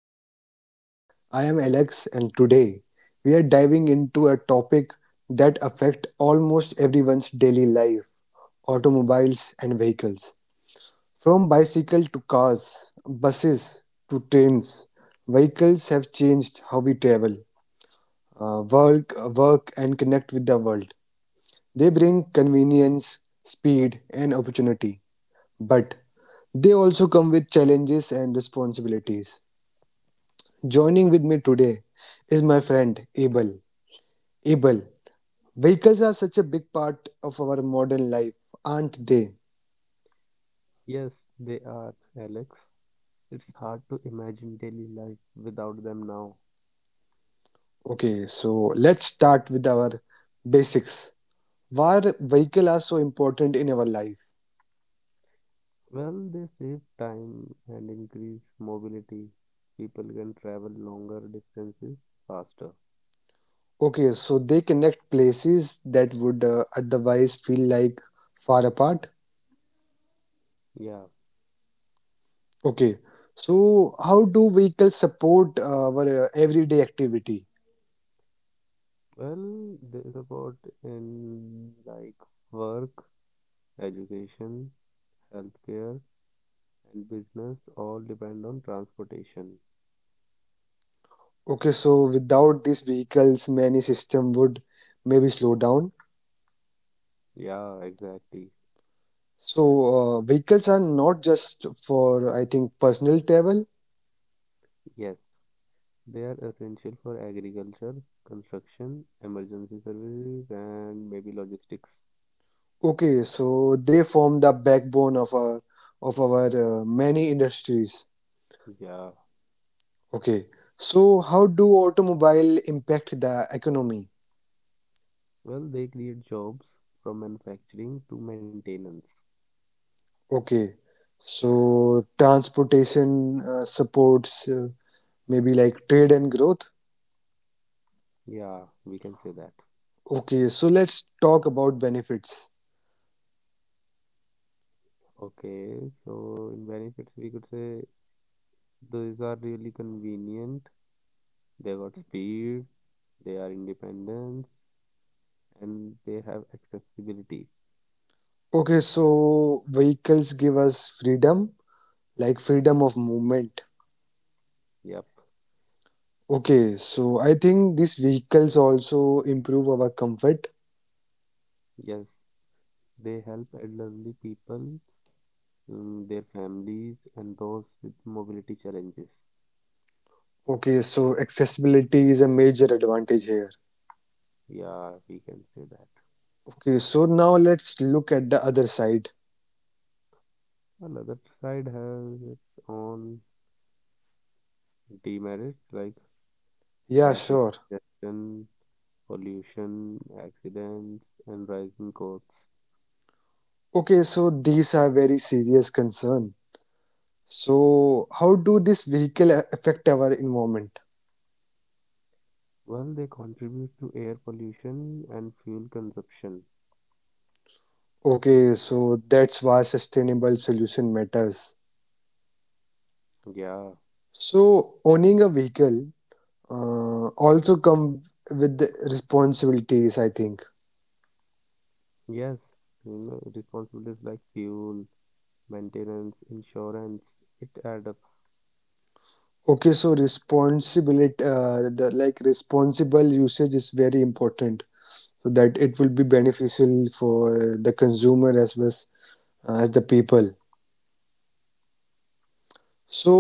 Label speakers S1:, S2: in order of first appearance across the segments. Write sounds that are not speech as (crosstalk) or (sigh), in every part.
S1: podcast. I am Alex and today we are diving into a topic that affect almost everyone's daily life, automobiles and vehicles. From bicycle to cars, buses to trains, vehicles have changed how we travel, work and connect with the world. They bring convenience, speed and opportunity, but they also come with challenges and responsibilities. Joining with me today is my friend Abel. Abel, vehicles are such a big part of our modern life, aren't they?
S2: Yes, they are, Alex. It's hard to imagine daily life without them now.
S1: Okay, so let's start with our basics. Why vehicles are so important in our life?
S2: Well, they save time and increase mobility. People can travel longer distances faster.
S1: Okay, so they connect places that would otherwise feel like far apart.
S2: Yeah.
S1: Okay, so how do vehicles support our everyday activity?
S2: Well, they support in work, education, healthcare, and business all depend on transportation.
S1: Okay, so without these vehicles, many system would maybe slow down.
S2: Yeah, exactly.
S1: So, vehicles are not just for, I think, personal travel.
S2: Yes. They are essential for agriculture, construction, emergency services, and maybe logistics.
S1: Okay, so they form the backbone of our many industries.
S2: Yeah.
S1: Okay, so how do automobile impact the economy?
S2: Well, they create jobs from manufacturing to maintenance.
S1: Okay, so transportation supports maybe like trade and growth.
S2: Yeah, we can say that.
S1: Okay, so let's talk about benefits.
S2: Okay, so in benefits, we could say these are really convenient. They got speed, they are independence, and they have accessibility.
S1: Okay, so vehicles give us freedom, like freedom of movement.
S2: Yep.
S1: Okay, so I think these vehicles also improve our comfort.
S2: Yes, they help elderly people, their families, and those with mobility challenges.
S1: Okay, so accessibility is a major advantage here.
S2: Yeah, we can say that.
S1: Okay, so now let's look at the other side.
S2: Well, other side has its own demerits like
S1: Yeah,
S2: traffic
S1: sure.
S2: congestion, pollution, accidents, and rising costs.
S1: Okay, so these are very serious concern. So how do this vehicle affect our environment?
S2: Well, they contribute to air pollution and fuel consumption.
S1: Okay, so that's why sustainable solution matters.
S2: Yeah,
S1: So owning a vehicle also come with the responsibilities, I think.
S2: yes, responsibilities like fuel, maintenance, insurance, it adds up.
S1: Okay, so responsibility, like responsible usage is very important, so that it will be beneficial for the consumer as well as the people. So,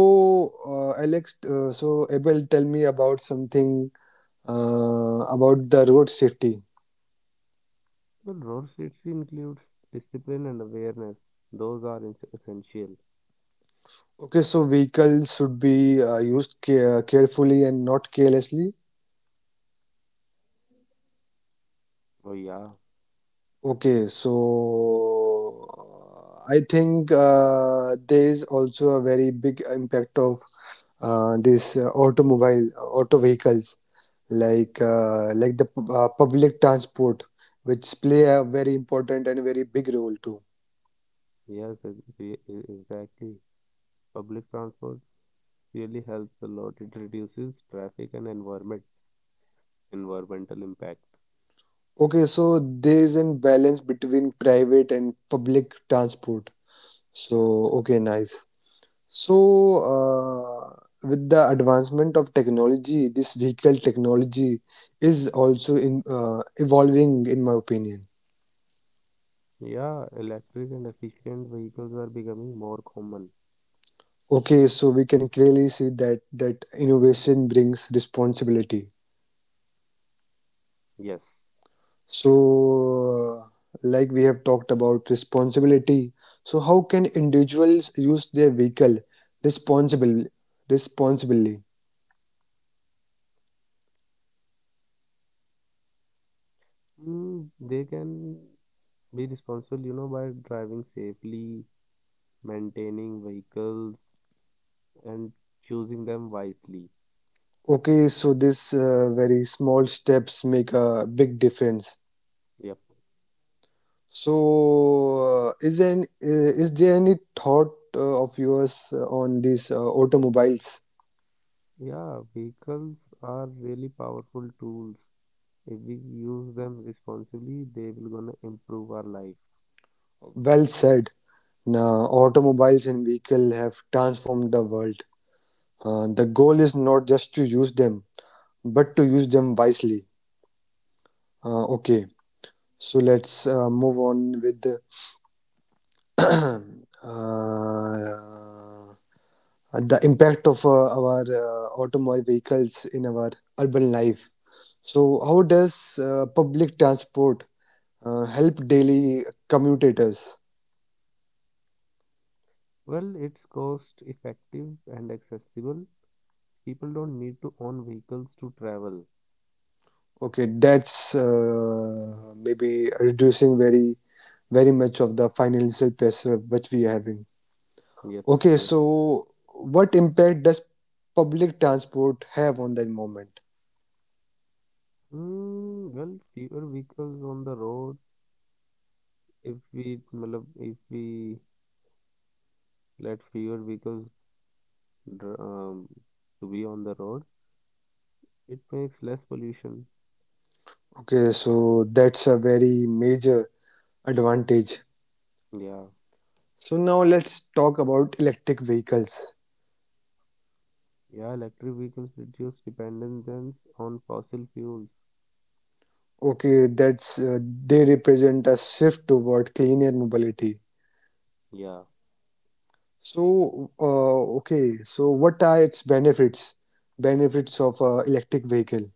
S1: so Abel, tell me about something about the road safety.
S2: Well, role safety includes discipline and awareness. Those are essential.
S1: Okay, so vehicles should be used carefully and not carelessly.
S2: Oh, yeah.
S1: Okay, so I think there is also a very big impact of this auto vehicles like like the public transport which play a very important and very big role too.
S2: Yes, exactly. Public transport really helps a lot. It reduces traffic and environmental impact.
S1: Okay, so there is a balance between private and public transport. So okay, nice. So, uh, with the advancement of technology this vehicle technology is also in evolving in my opinion.
S2: Yeah, electric and efficient vehicles are becoming more common.
S1: Okay, so we can clearly see that innovation brings responsibility.
S2: Yes.
S1: So, like we have talked about responsibility. So, how can individuals use their vehicle responsibly? Responsibly.
S2: They can be responsible, by driving safely, maintaining vehicles, and choosing them wisely.
S1: Okay, so this very small steps make a big difference.
S2: Yep.
S1: So, is there any thought of yours on these automobiles?
S2: Yeah, vehicles are really powerful tools. If we use them responsibly, they will gonna improve our life.
S1: Well said. Now, automobiles and vehicle have transformed the world. The goal is not just to use them, but to use them wisely. Okay, so let's move on with the, (clears throat) uh, the impact of our automobile vehicles in our urban life. So, how does public transport help daily commuters?
S2: Well, it's cost effective and accessible. People don't need to own vehicles to travel.
S1: Okay, that's maybe reducing very very much of the financial pressure which we are having.
S2: Yep,
S1: Okay,
S2: yes.
S1: so what impact does public transport have on the environment?
S2: Fewer vehicles on the road. If we, matlab, if we let fewer vehicles dr- um, to be on the road, it makes less pollution.
S1: Okay, so that's a very major advantage.
S2: Yeah.
S1: So now let's talk about electric vehicles.
S2: Yeah, electric vehicles reduce dependence on fossil fuels.
S1: Okay, that's they represent a shift toward cleaner mobility.
S2: Yeah.
S1: So so what are its benefits? Benefits of electric vehicle.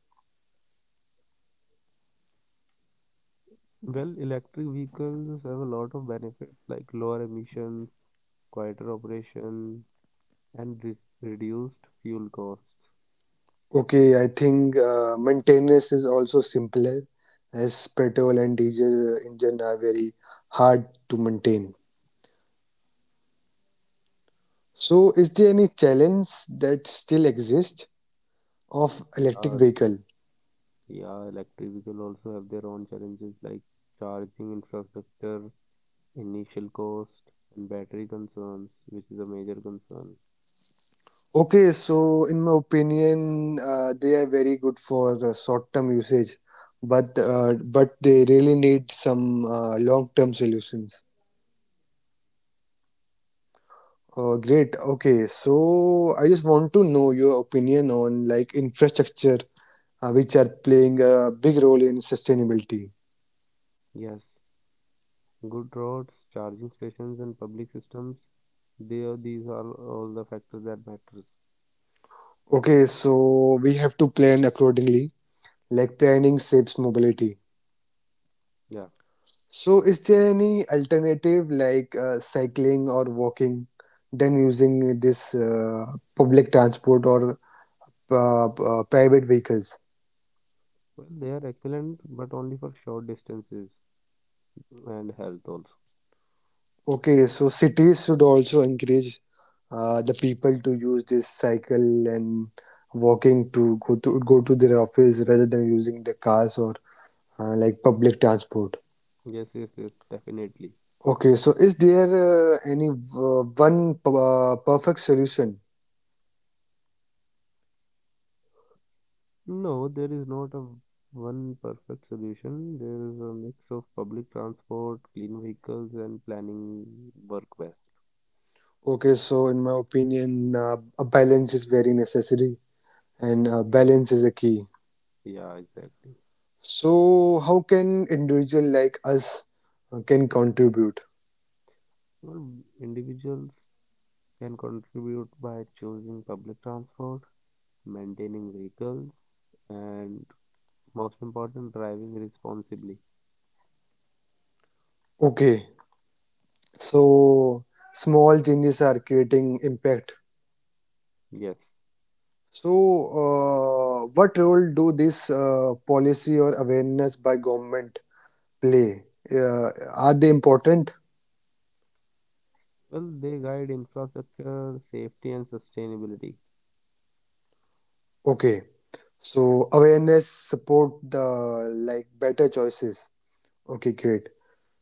S2: Well, electric vehicles have a lot of benefits like lower emissions, quieter operation, and re reduced fuel costs.
S1: Okay, I think maintenance is also simpler as petrol and diesel engine are very hard to maintain. So, is there any challenge that still exists of electric
S2: Yeah,
S1: vehicle?
S2: yeah, electric vehicles also have their own challenges like charging infrastructure, initial cost, and battery concerns, which is a major concern.
S1: Okay, so in my opinion, they are very good for short-term usage, but they really need some long-term solutions. Oh, great. Okay, so I just want to know your opinion on like infrastructure which are playing a big role in sustainability.
S2: Yes. Good roads, charging stations, and public systems. These are all the factors that matters.
S1: Okay, so we have to plan accordingly, like planning shapes mobility.
S2: Yeah.
S1: So, is there any alternative like cycling or walking than using this public transport or private vehicles?
S2: Well, they are excellent, but only for short distances and health also.
S1: Okay, so cities should also encourage the people to use this cycle and walking to go to their office rather than using the cars or like public transport.
S2: Yes, yes, yes, definitely.
S1: Okay, so is there any perfect solution?
S2: No, there is not a one perfect solution. There is a mix of public transport, clean vehicles, and planning work best.
S1: Okay, so in my opinion, a balance is very necessary and
S2: Yeah.
S1: balance is a key.
S2: Yeah, exactly.
S1: So how can individual like us can contribute?
S2: Well, individuals can contribute by choosing public transport, maintaining vehicles, and most important, driving responsibly.
S1: Okay, so small changes are creating impact.
S2: Yes.
S1: So what role do this policy or awareness by government play? Uh, are they important?
S2: Well, they guide infrastructure, safety, and sustainability.
S1: Okay. So awareness support the like better choices. Okay, great.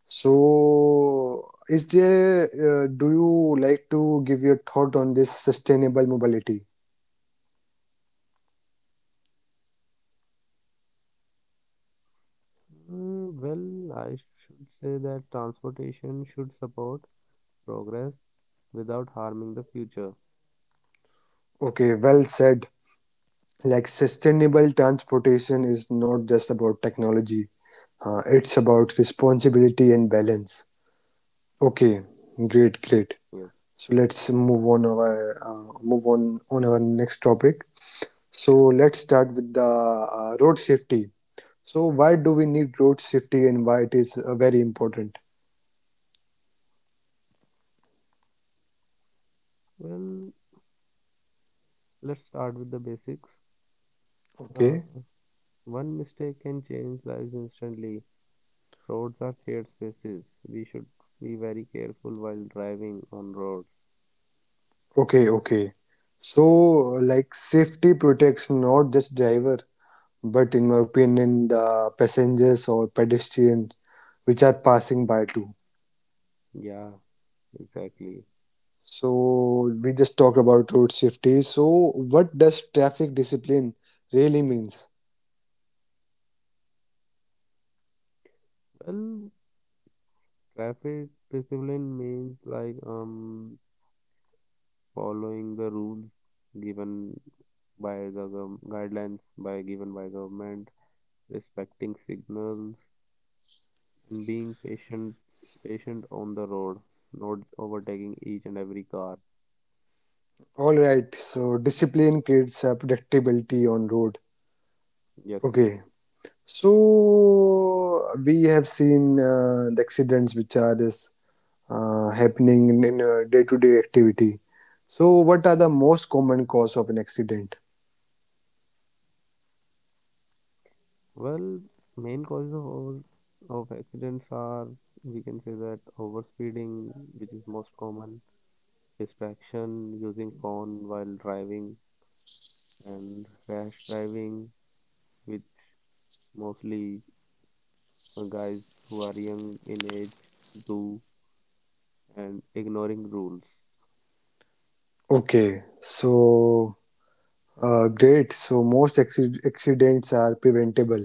S1: So is there do you like to give your thought on this sustainable mobility?
S2: I should say that transportation should support progress without harming the future.
S1: Okay, well said. Like sustainable transportation is not just about technology. It's about responsibility and balance. Okay, great, great.
S2: Yes.
S1: So let's move on our next topic. So let's start with the road safety. So why do we need road safety and why it is very important?
S2: Well, let's start with the basics. Uh,
S1: Okay,
S2: One mistake can change lives instantly. Roads are shared spaces. We should be very careful while driving on roads.
S1: okay, okay. So like safety protects not just driver, but in my opinion, the passengers or pedestrians which are passing by too.
S2: Yeah, exactly.
S1: So we just talk about road safety. So what does traffic discipline really means?
S2: Well, traffic discipline means following the rules given by the guidelines by given by government, respecting signals and being patient on the road, not overtaking each and every car.
S1: All right. So discipline creates predictability on road.
S2: Yes.
S1: Okay. So we have seen the accidents which are this, happening in, in day-to-day activity. So what are the most common cause of an accident?
S2: Well, main causes of accidents are, we can say that, overspeeding, which is most common, distraction, using phone while driving, and rash driving, which mostly guys who are young in age do, and ignoring rules.
S1: Okay, so great. So most accidents are preventable.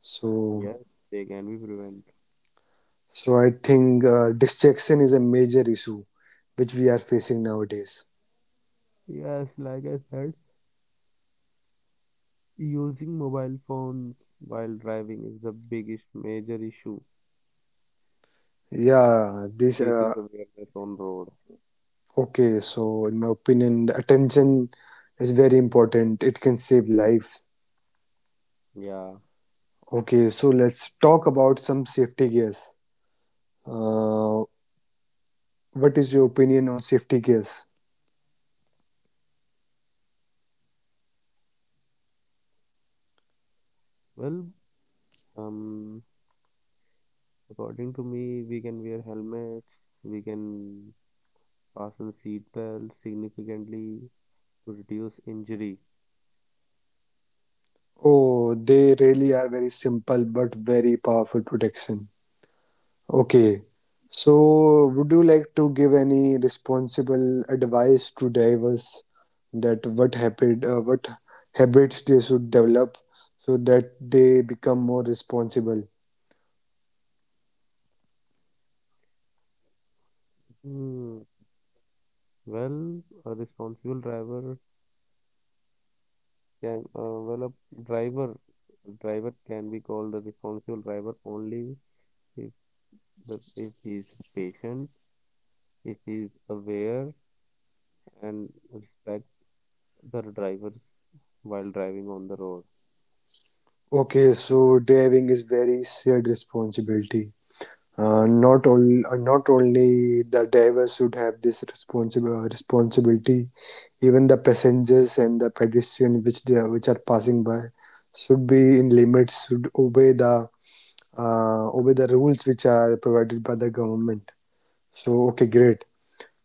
S1: So
S2: Yes, they can be prevented.
S1: so I think distraction is a major issue which we are facing nowadays.
S2: Yes, like I said, using mobile phones while driving is the biggest major issue.
S1: Yeah,
S2: It
S1: this
S2: reduces awareness on road.
S1: Okay, so in my opinion, the attention is very important. It can save lives.
S2: Yeah.
S1: Okay, so let's talk about some safety gears. Uh, what is your opinion on safety gears?
S2: Well, um, according to me, we can wear helmets. We can fasten seatbelt significantly to reduce injury.
S1: Oh, they really are very simple but very powerful protection. Okay, so would you like to give any responsible advice to divers that what habits they should develop so that they become more responsible?
S2: Hmm. Well, a responsible driver can well a driver can be called a responsible driver only if if he is patient, if he is aware and respect the drivers while driving on the road.
S1: Okay, so diving is very shared responsibility. Uh,
S2: Yes.
S1: not only uh, not only the divers should have this responsible responsibility, even the passengers and the pedestrian which which are passing by should be in limits, should obey the rules which are provided by the government. So okay, great.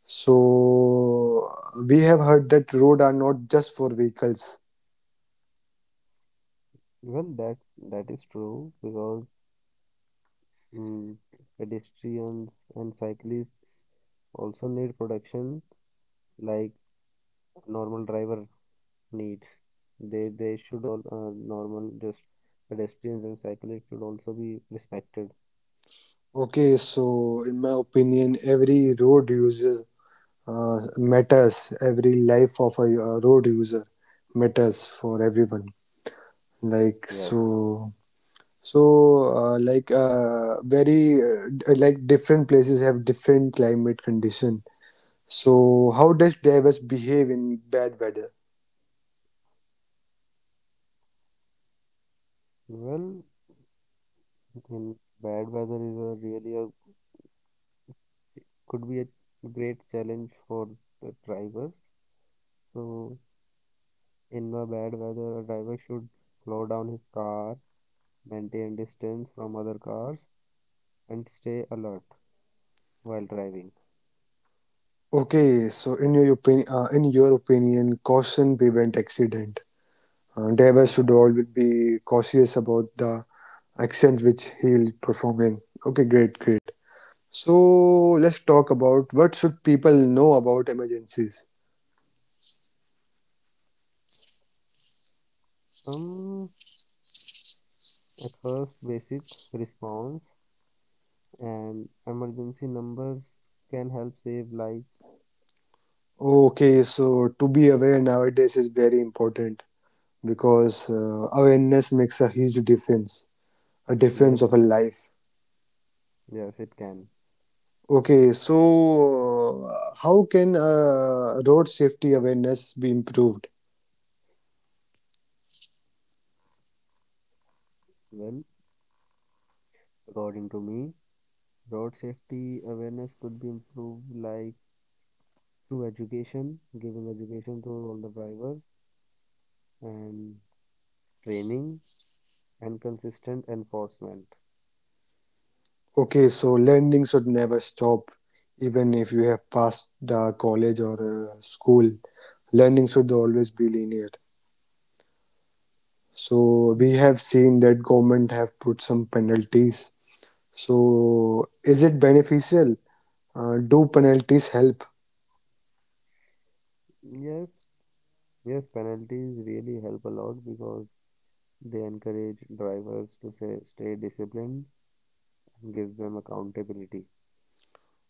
S1: So we have heard that road are not just for vehicles.
S2: Well, that is true because, mm, pedestrians and cyclists also need protection like normal driver needs. They should all, normal just pedestrians and cyclists, should also be respected.
S1: Okay, so in my opinion, every road uses matters, every life of a road user matters for everyone like.
S2: Yes.
S1: So so like different places have different climate condition, so how does divers behave in bad weather?
S2: Well, in bad weather is a really a could be a great challenge for the drivers. So in a bad weather, a driver should slow down his car, maintain distance from other cars, and stay alert while driving.
S1: Okay, so in your opinion caution prevent accident. Drivers
S2: Yeah.
S1: should always be cautious about the actions which he'll performing. Okay, great, great. So let's talk about what should people know about emergencies.
S2: Um, at first, basic response and emergency numbers can help save lives.
S1: Okay, so to be aware nowadays is very important because awareness makes a huge difference, a
S2: Yes,
S1: difference of a life.
S2: yes, it can.
S1: Okay, so how can road safety awareness be improved?
S2: Well, according to me, road safety awareness could be improved like through education, giving education to all the drivers, and training and consistent enforcement.
S1: Okay, so learning should never stop, even if you
S2: Yeah.
S1: have passed the college or school. Learning should always be linear. So
S2: Mm.
S1: we have seen that government have put some penalties. So is it beneficial? Do penalties help?
S2: Yes, yes, penalties really help a lot because they encourage drivers stay disciplined and give them accountability.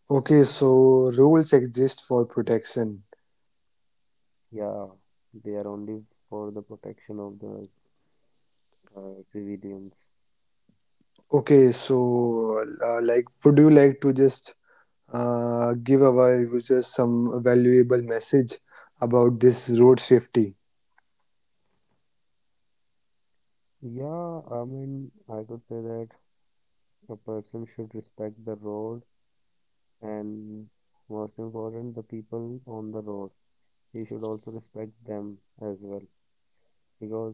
S1: Okay, so rules exist for protection.
S2: Yeah, they are only for the protection of the civilians.
S1: Okay, so would you like to just give our users some valuable message about this road safety?
S2: Yeah, I mean, I could say that a person should respect the road and, most important, the people on the road. He should also respect them as well because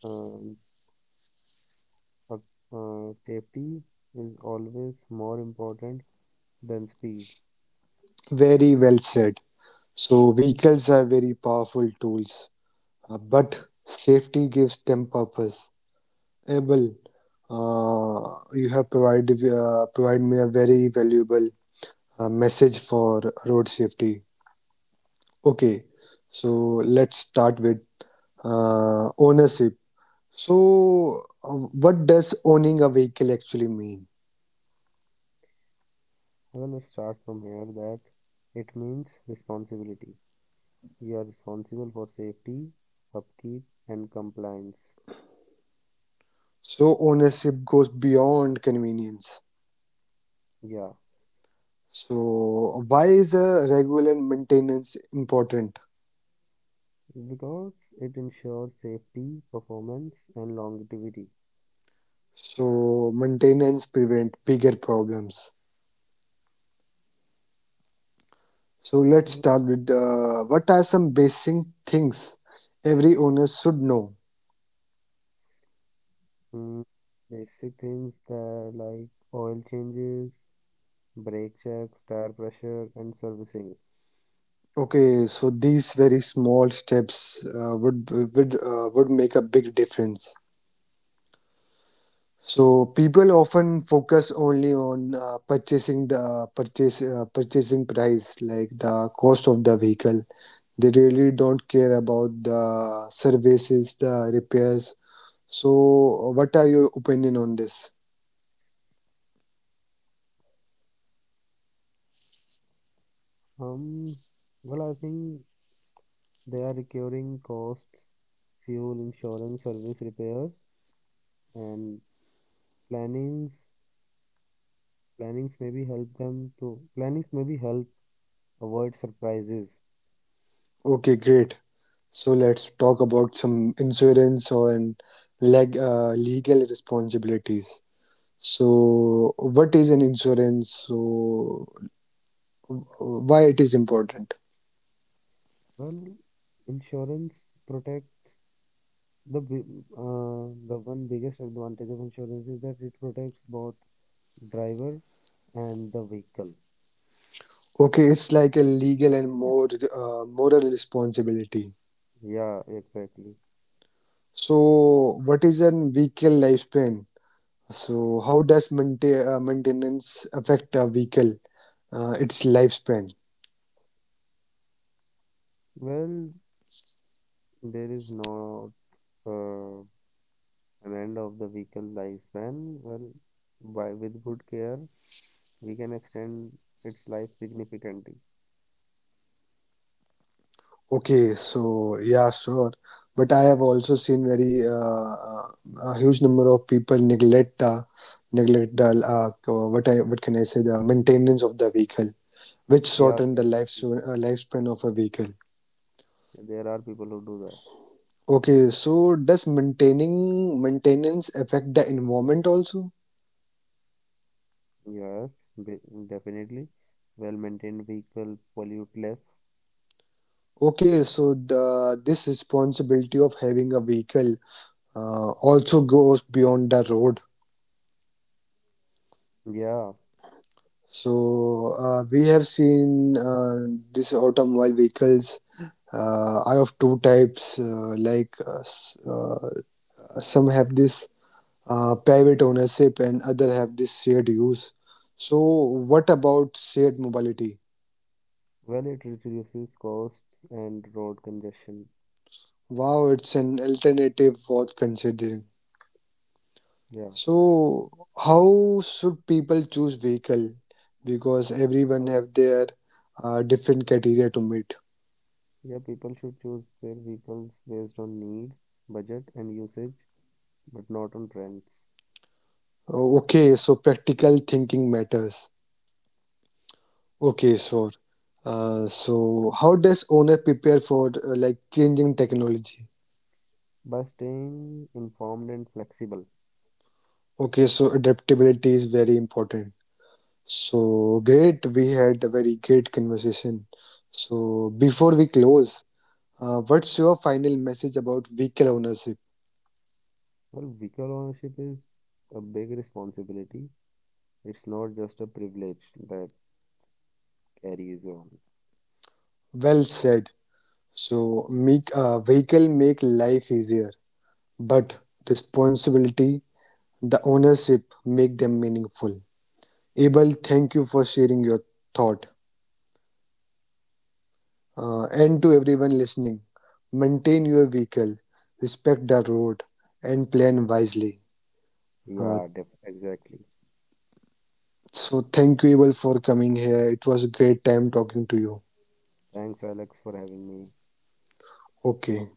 S2: um, uh, safety is always more important than speed.
S1: Very well said. So vehicles are very powerful tools, but safety gives them purpose. Abel, uh, you have provided me a very valuable message for road safety. Okay, so let's start with ownership. So, uh, what does owning a vehicle actually mean?
S2: Well, let's start from here that it means responsibility. You are responsible for safety, upkeep, and compliance.
S1: So, ownership goes beyond convenience.
S2: Yeah,
S1: So, why is a regular maintenance important?
S2: because it ensures safety, performance, and longevity.
S1: So, maintenance prevent bigger problems. So let's start with what are some basic things every owner should know.
S2: Mm. Basic things that like oil changes, brake checks, tire pressure, and servicing.
S1: Okay, so these very small steps would make a big difference. So people often focus only on purchasing price, like the cost of the vehicle. They really don't care about the services, the repairs. So, what are your opinion on this?
S2: Um, well, I think they are recurring costs, fuel, insurance, service repairs, and plannings. Plannings maybe help them to Plannings maybe help avoid surprises.
S1: Okay, great. So let's talk about some insurance on legal responsibilities. So what is an insurance? So why it is important?
S2: Well, insurance protects the bi- the one biggest advantage of insurance is that it protects both driver and the vehicle.
S1: Okay, it's like a legal and more moral responsibility.
S2: Yeah, exactly.
S1: So what is a vehicle lifespan? So how does maintenance affect a vehicle, its lifespan?
S2: Well, there is not uh, an end of the vehicle lifespan. Well, by with good care, we can extend its life significantly.
S1: Okay, so yeah, sure. But I have also seen very uh, a huge number of people neglect the what can I say the maintenance of the vehicle, which
S2: Yeah, there
S1: shorten the
S2: are people.
S1: lifespan of a vehicle.
S2: There are people who do that.
S1: Okay, so does maintaining maintenance affect the environment also?
S2: Yes, definitely. Well-maintained vehicle pollute less.
S1: Okay, so the this responsibility of having a vehicle also goes beyond the road.
S2: Yeah,
S1: So we have seen these automobile vehicles are of two types. Like some have this private ownership and other have this shared use. So what about shared mobility?
S2: well, it reduces costs and road congestion.
S1: Wow, it's an alternative worth considering.
S2: Yeah,
S1: So how should people choose vehicle? Because
S2: people,
S1: everyone have their different criteria to meet.
S2: yeah, people should choose their vehicles based on need, budget, and usage, but not on trends.
S1: Okay, so practical thinking matters. Okay, sure. So, how does owner prepare for like changing technology?
S2: By staying informed and flexible.
S1: Okay, so adaptability is very important. So, great, we had a very great conversation. So, before we close, what's your final message about vehicle ownership?
S2: Well, vehicle ownership is a big responsibility. It's not just a privilege that carries on.
S1: Well said. So, make vehicle make life easier, but responsibility, the ownership, make them meaningful. Abel, thank you for sharing your thought. And to everyone listening, maintain your vehicle, respect the road, and plan wisely. Uh,
S2: Yeah, def exactly.
S1: so, thank you, Abel, for coming here. It was a great time talking to you.
S2: Thanks, Alex, for having me.
S1: Okay.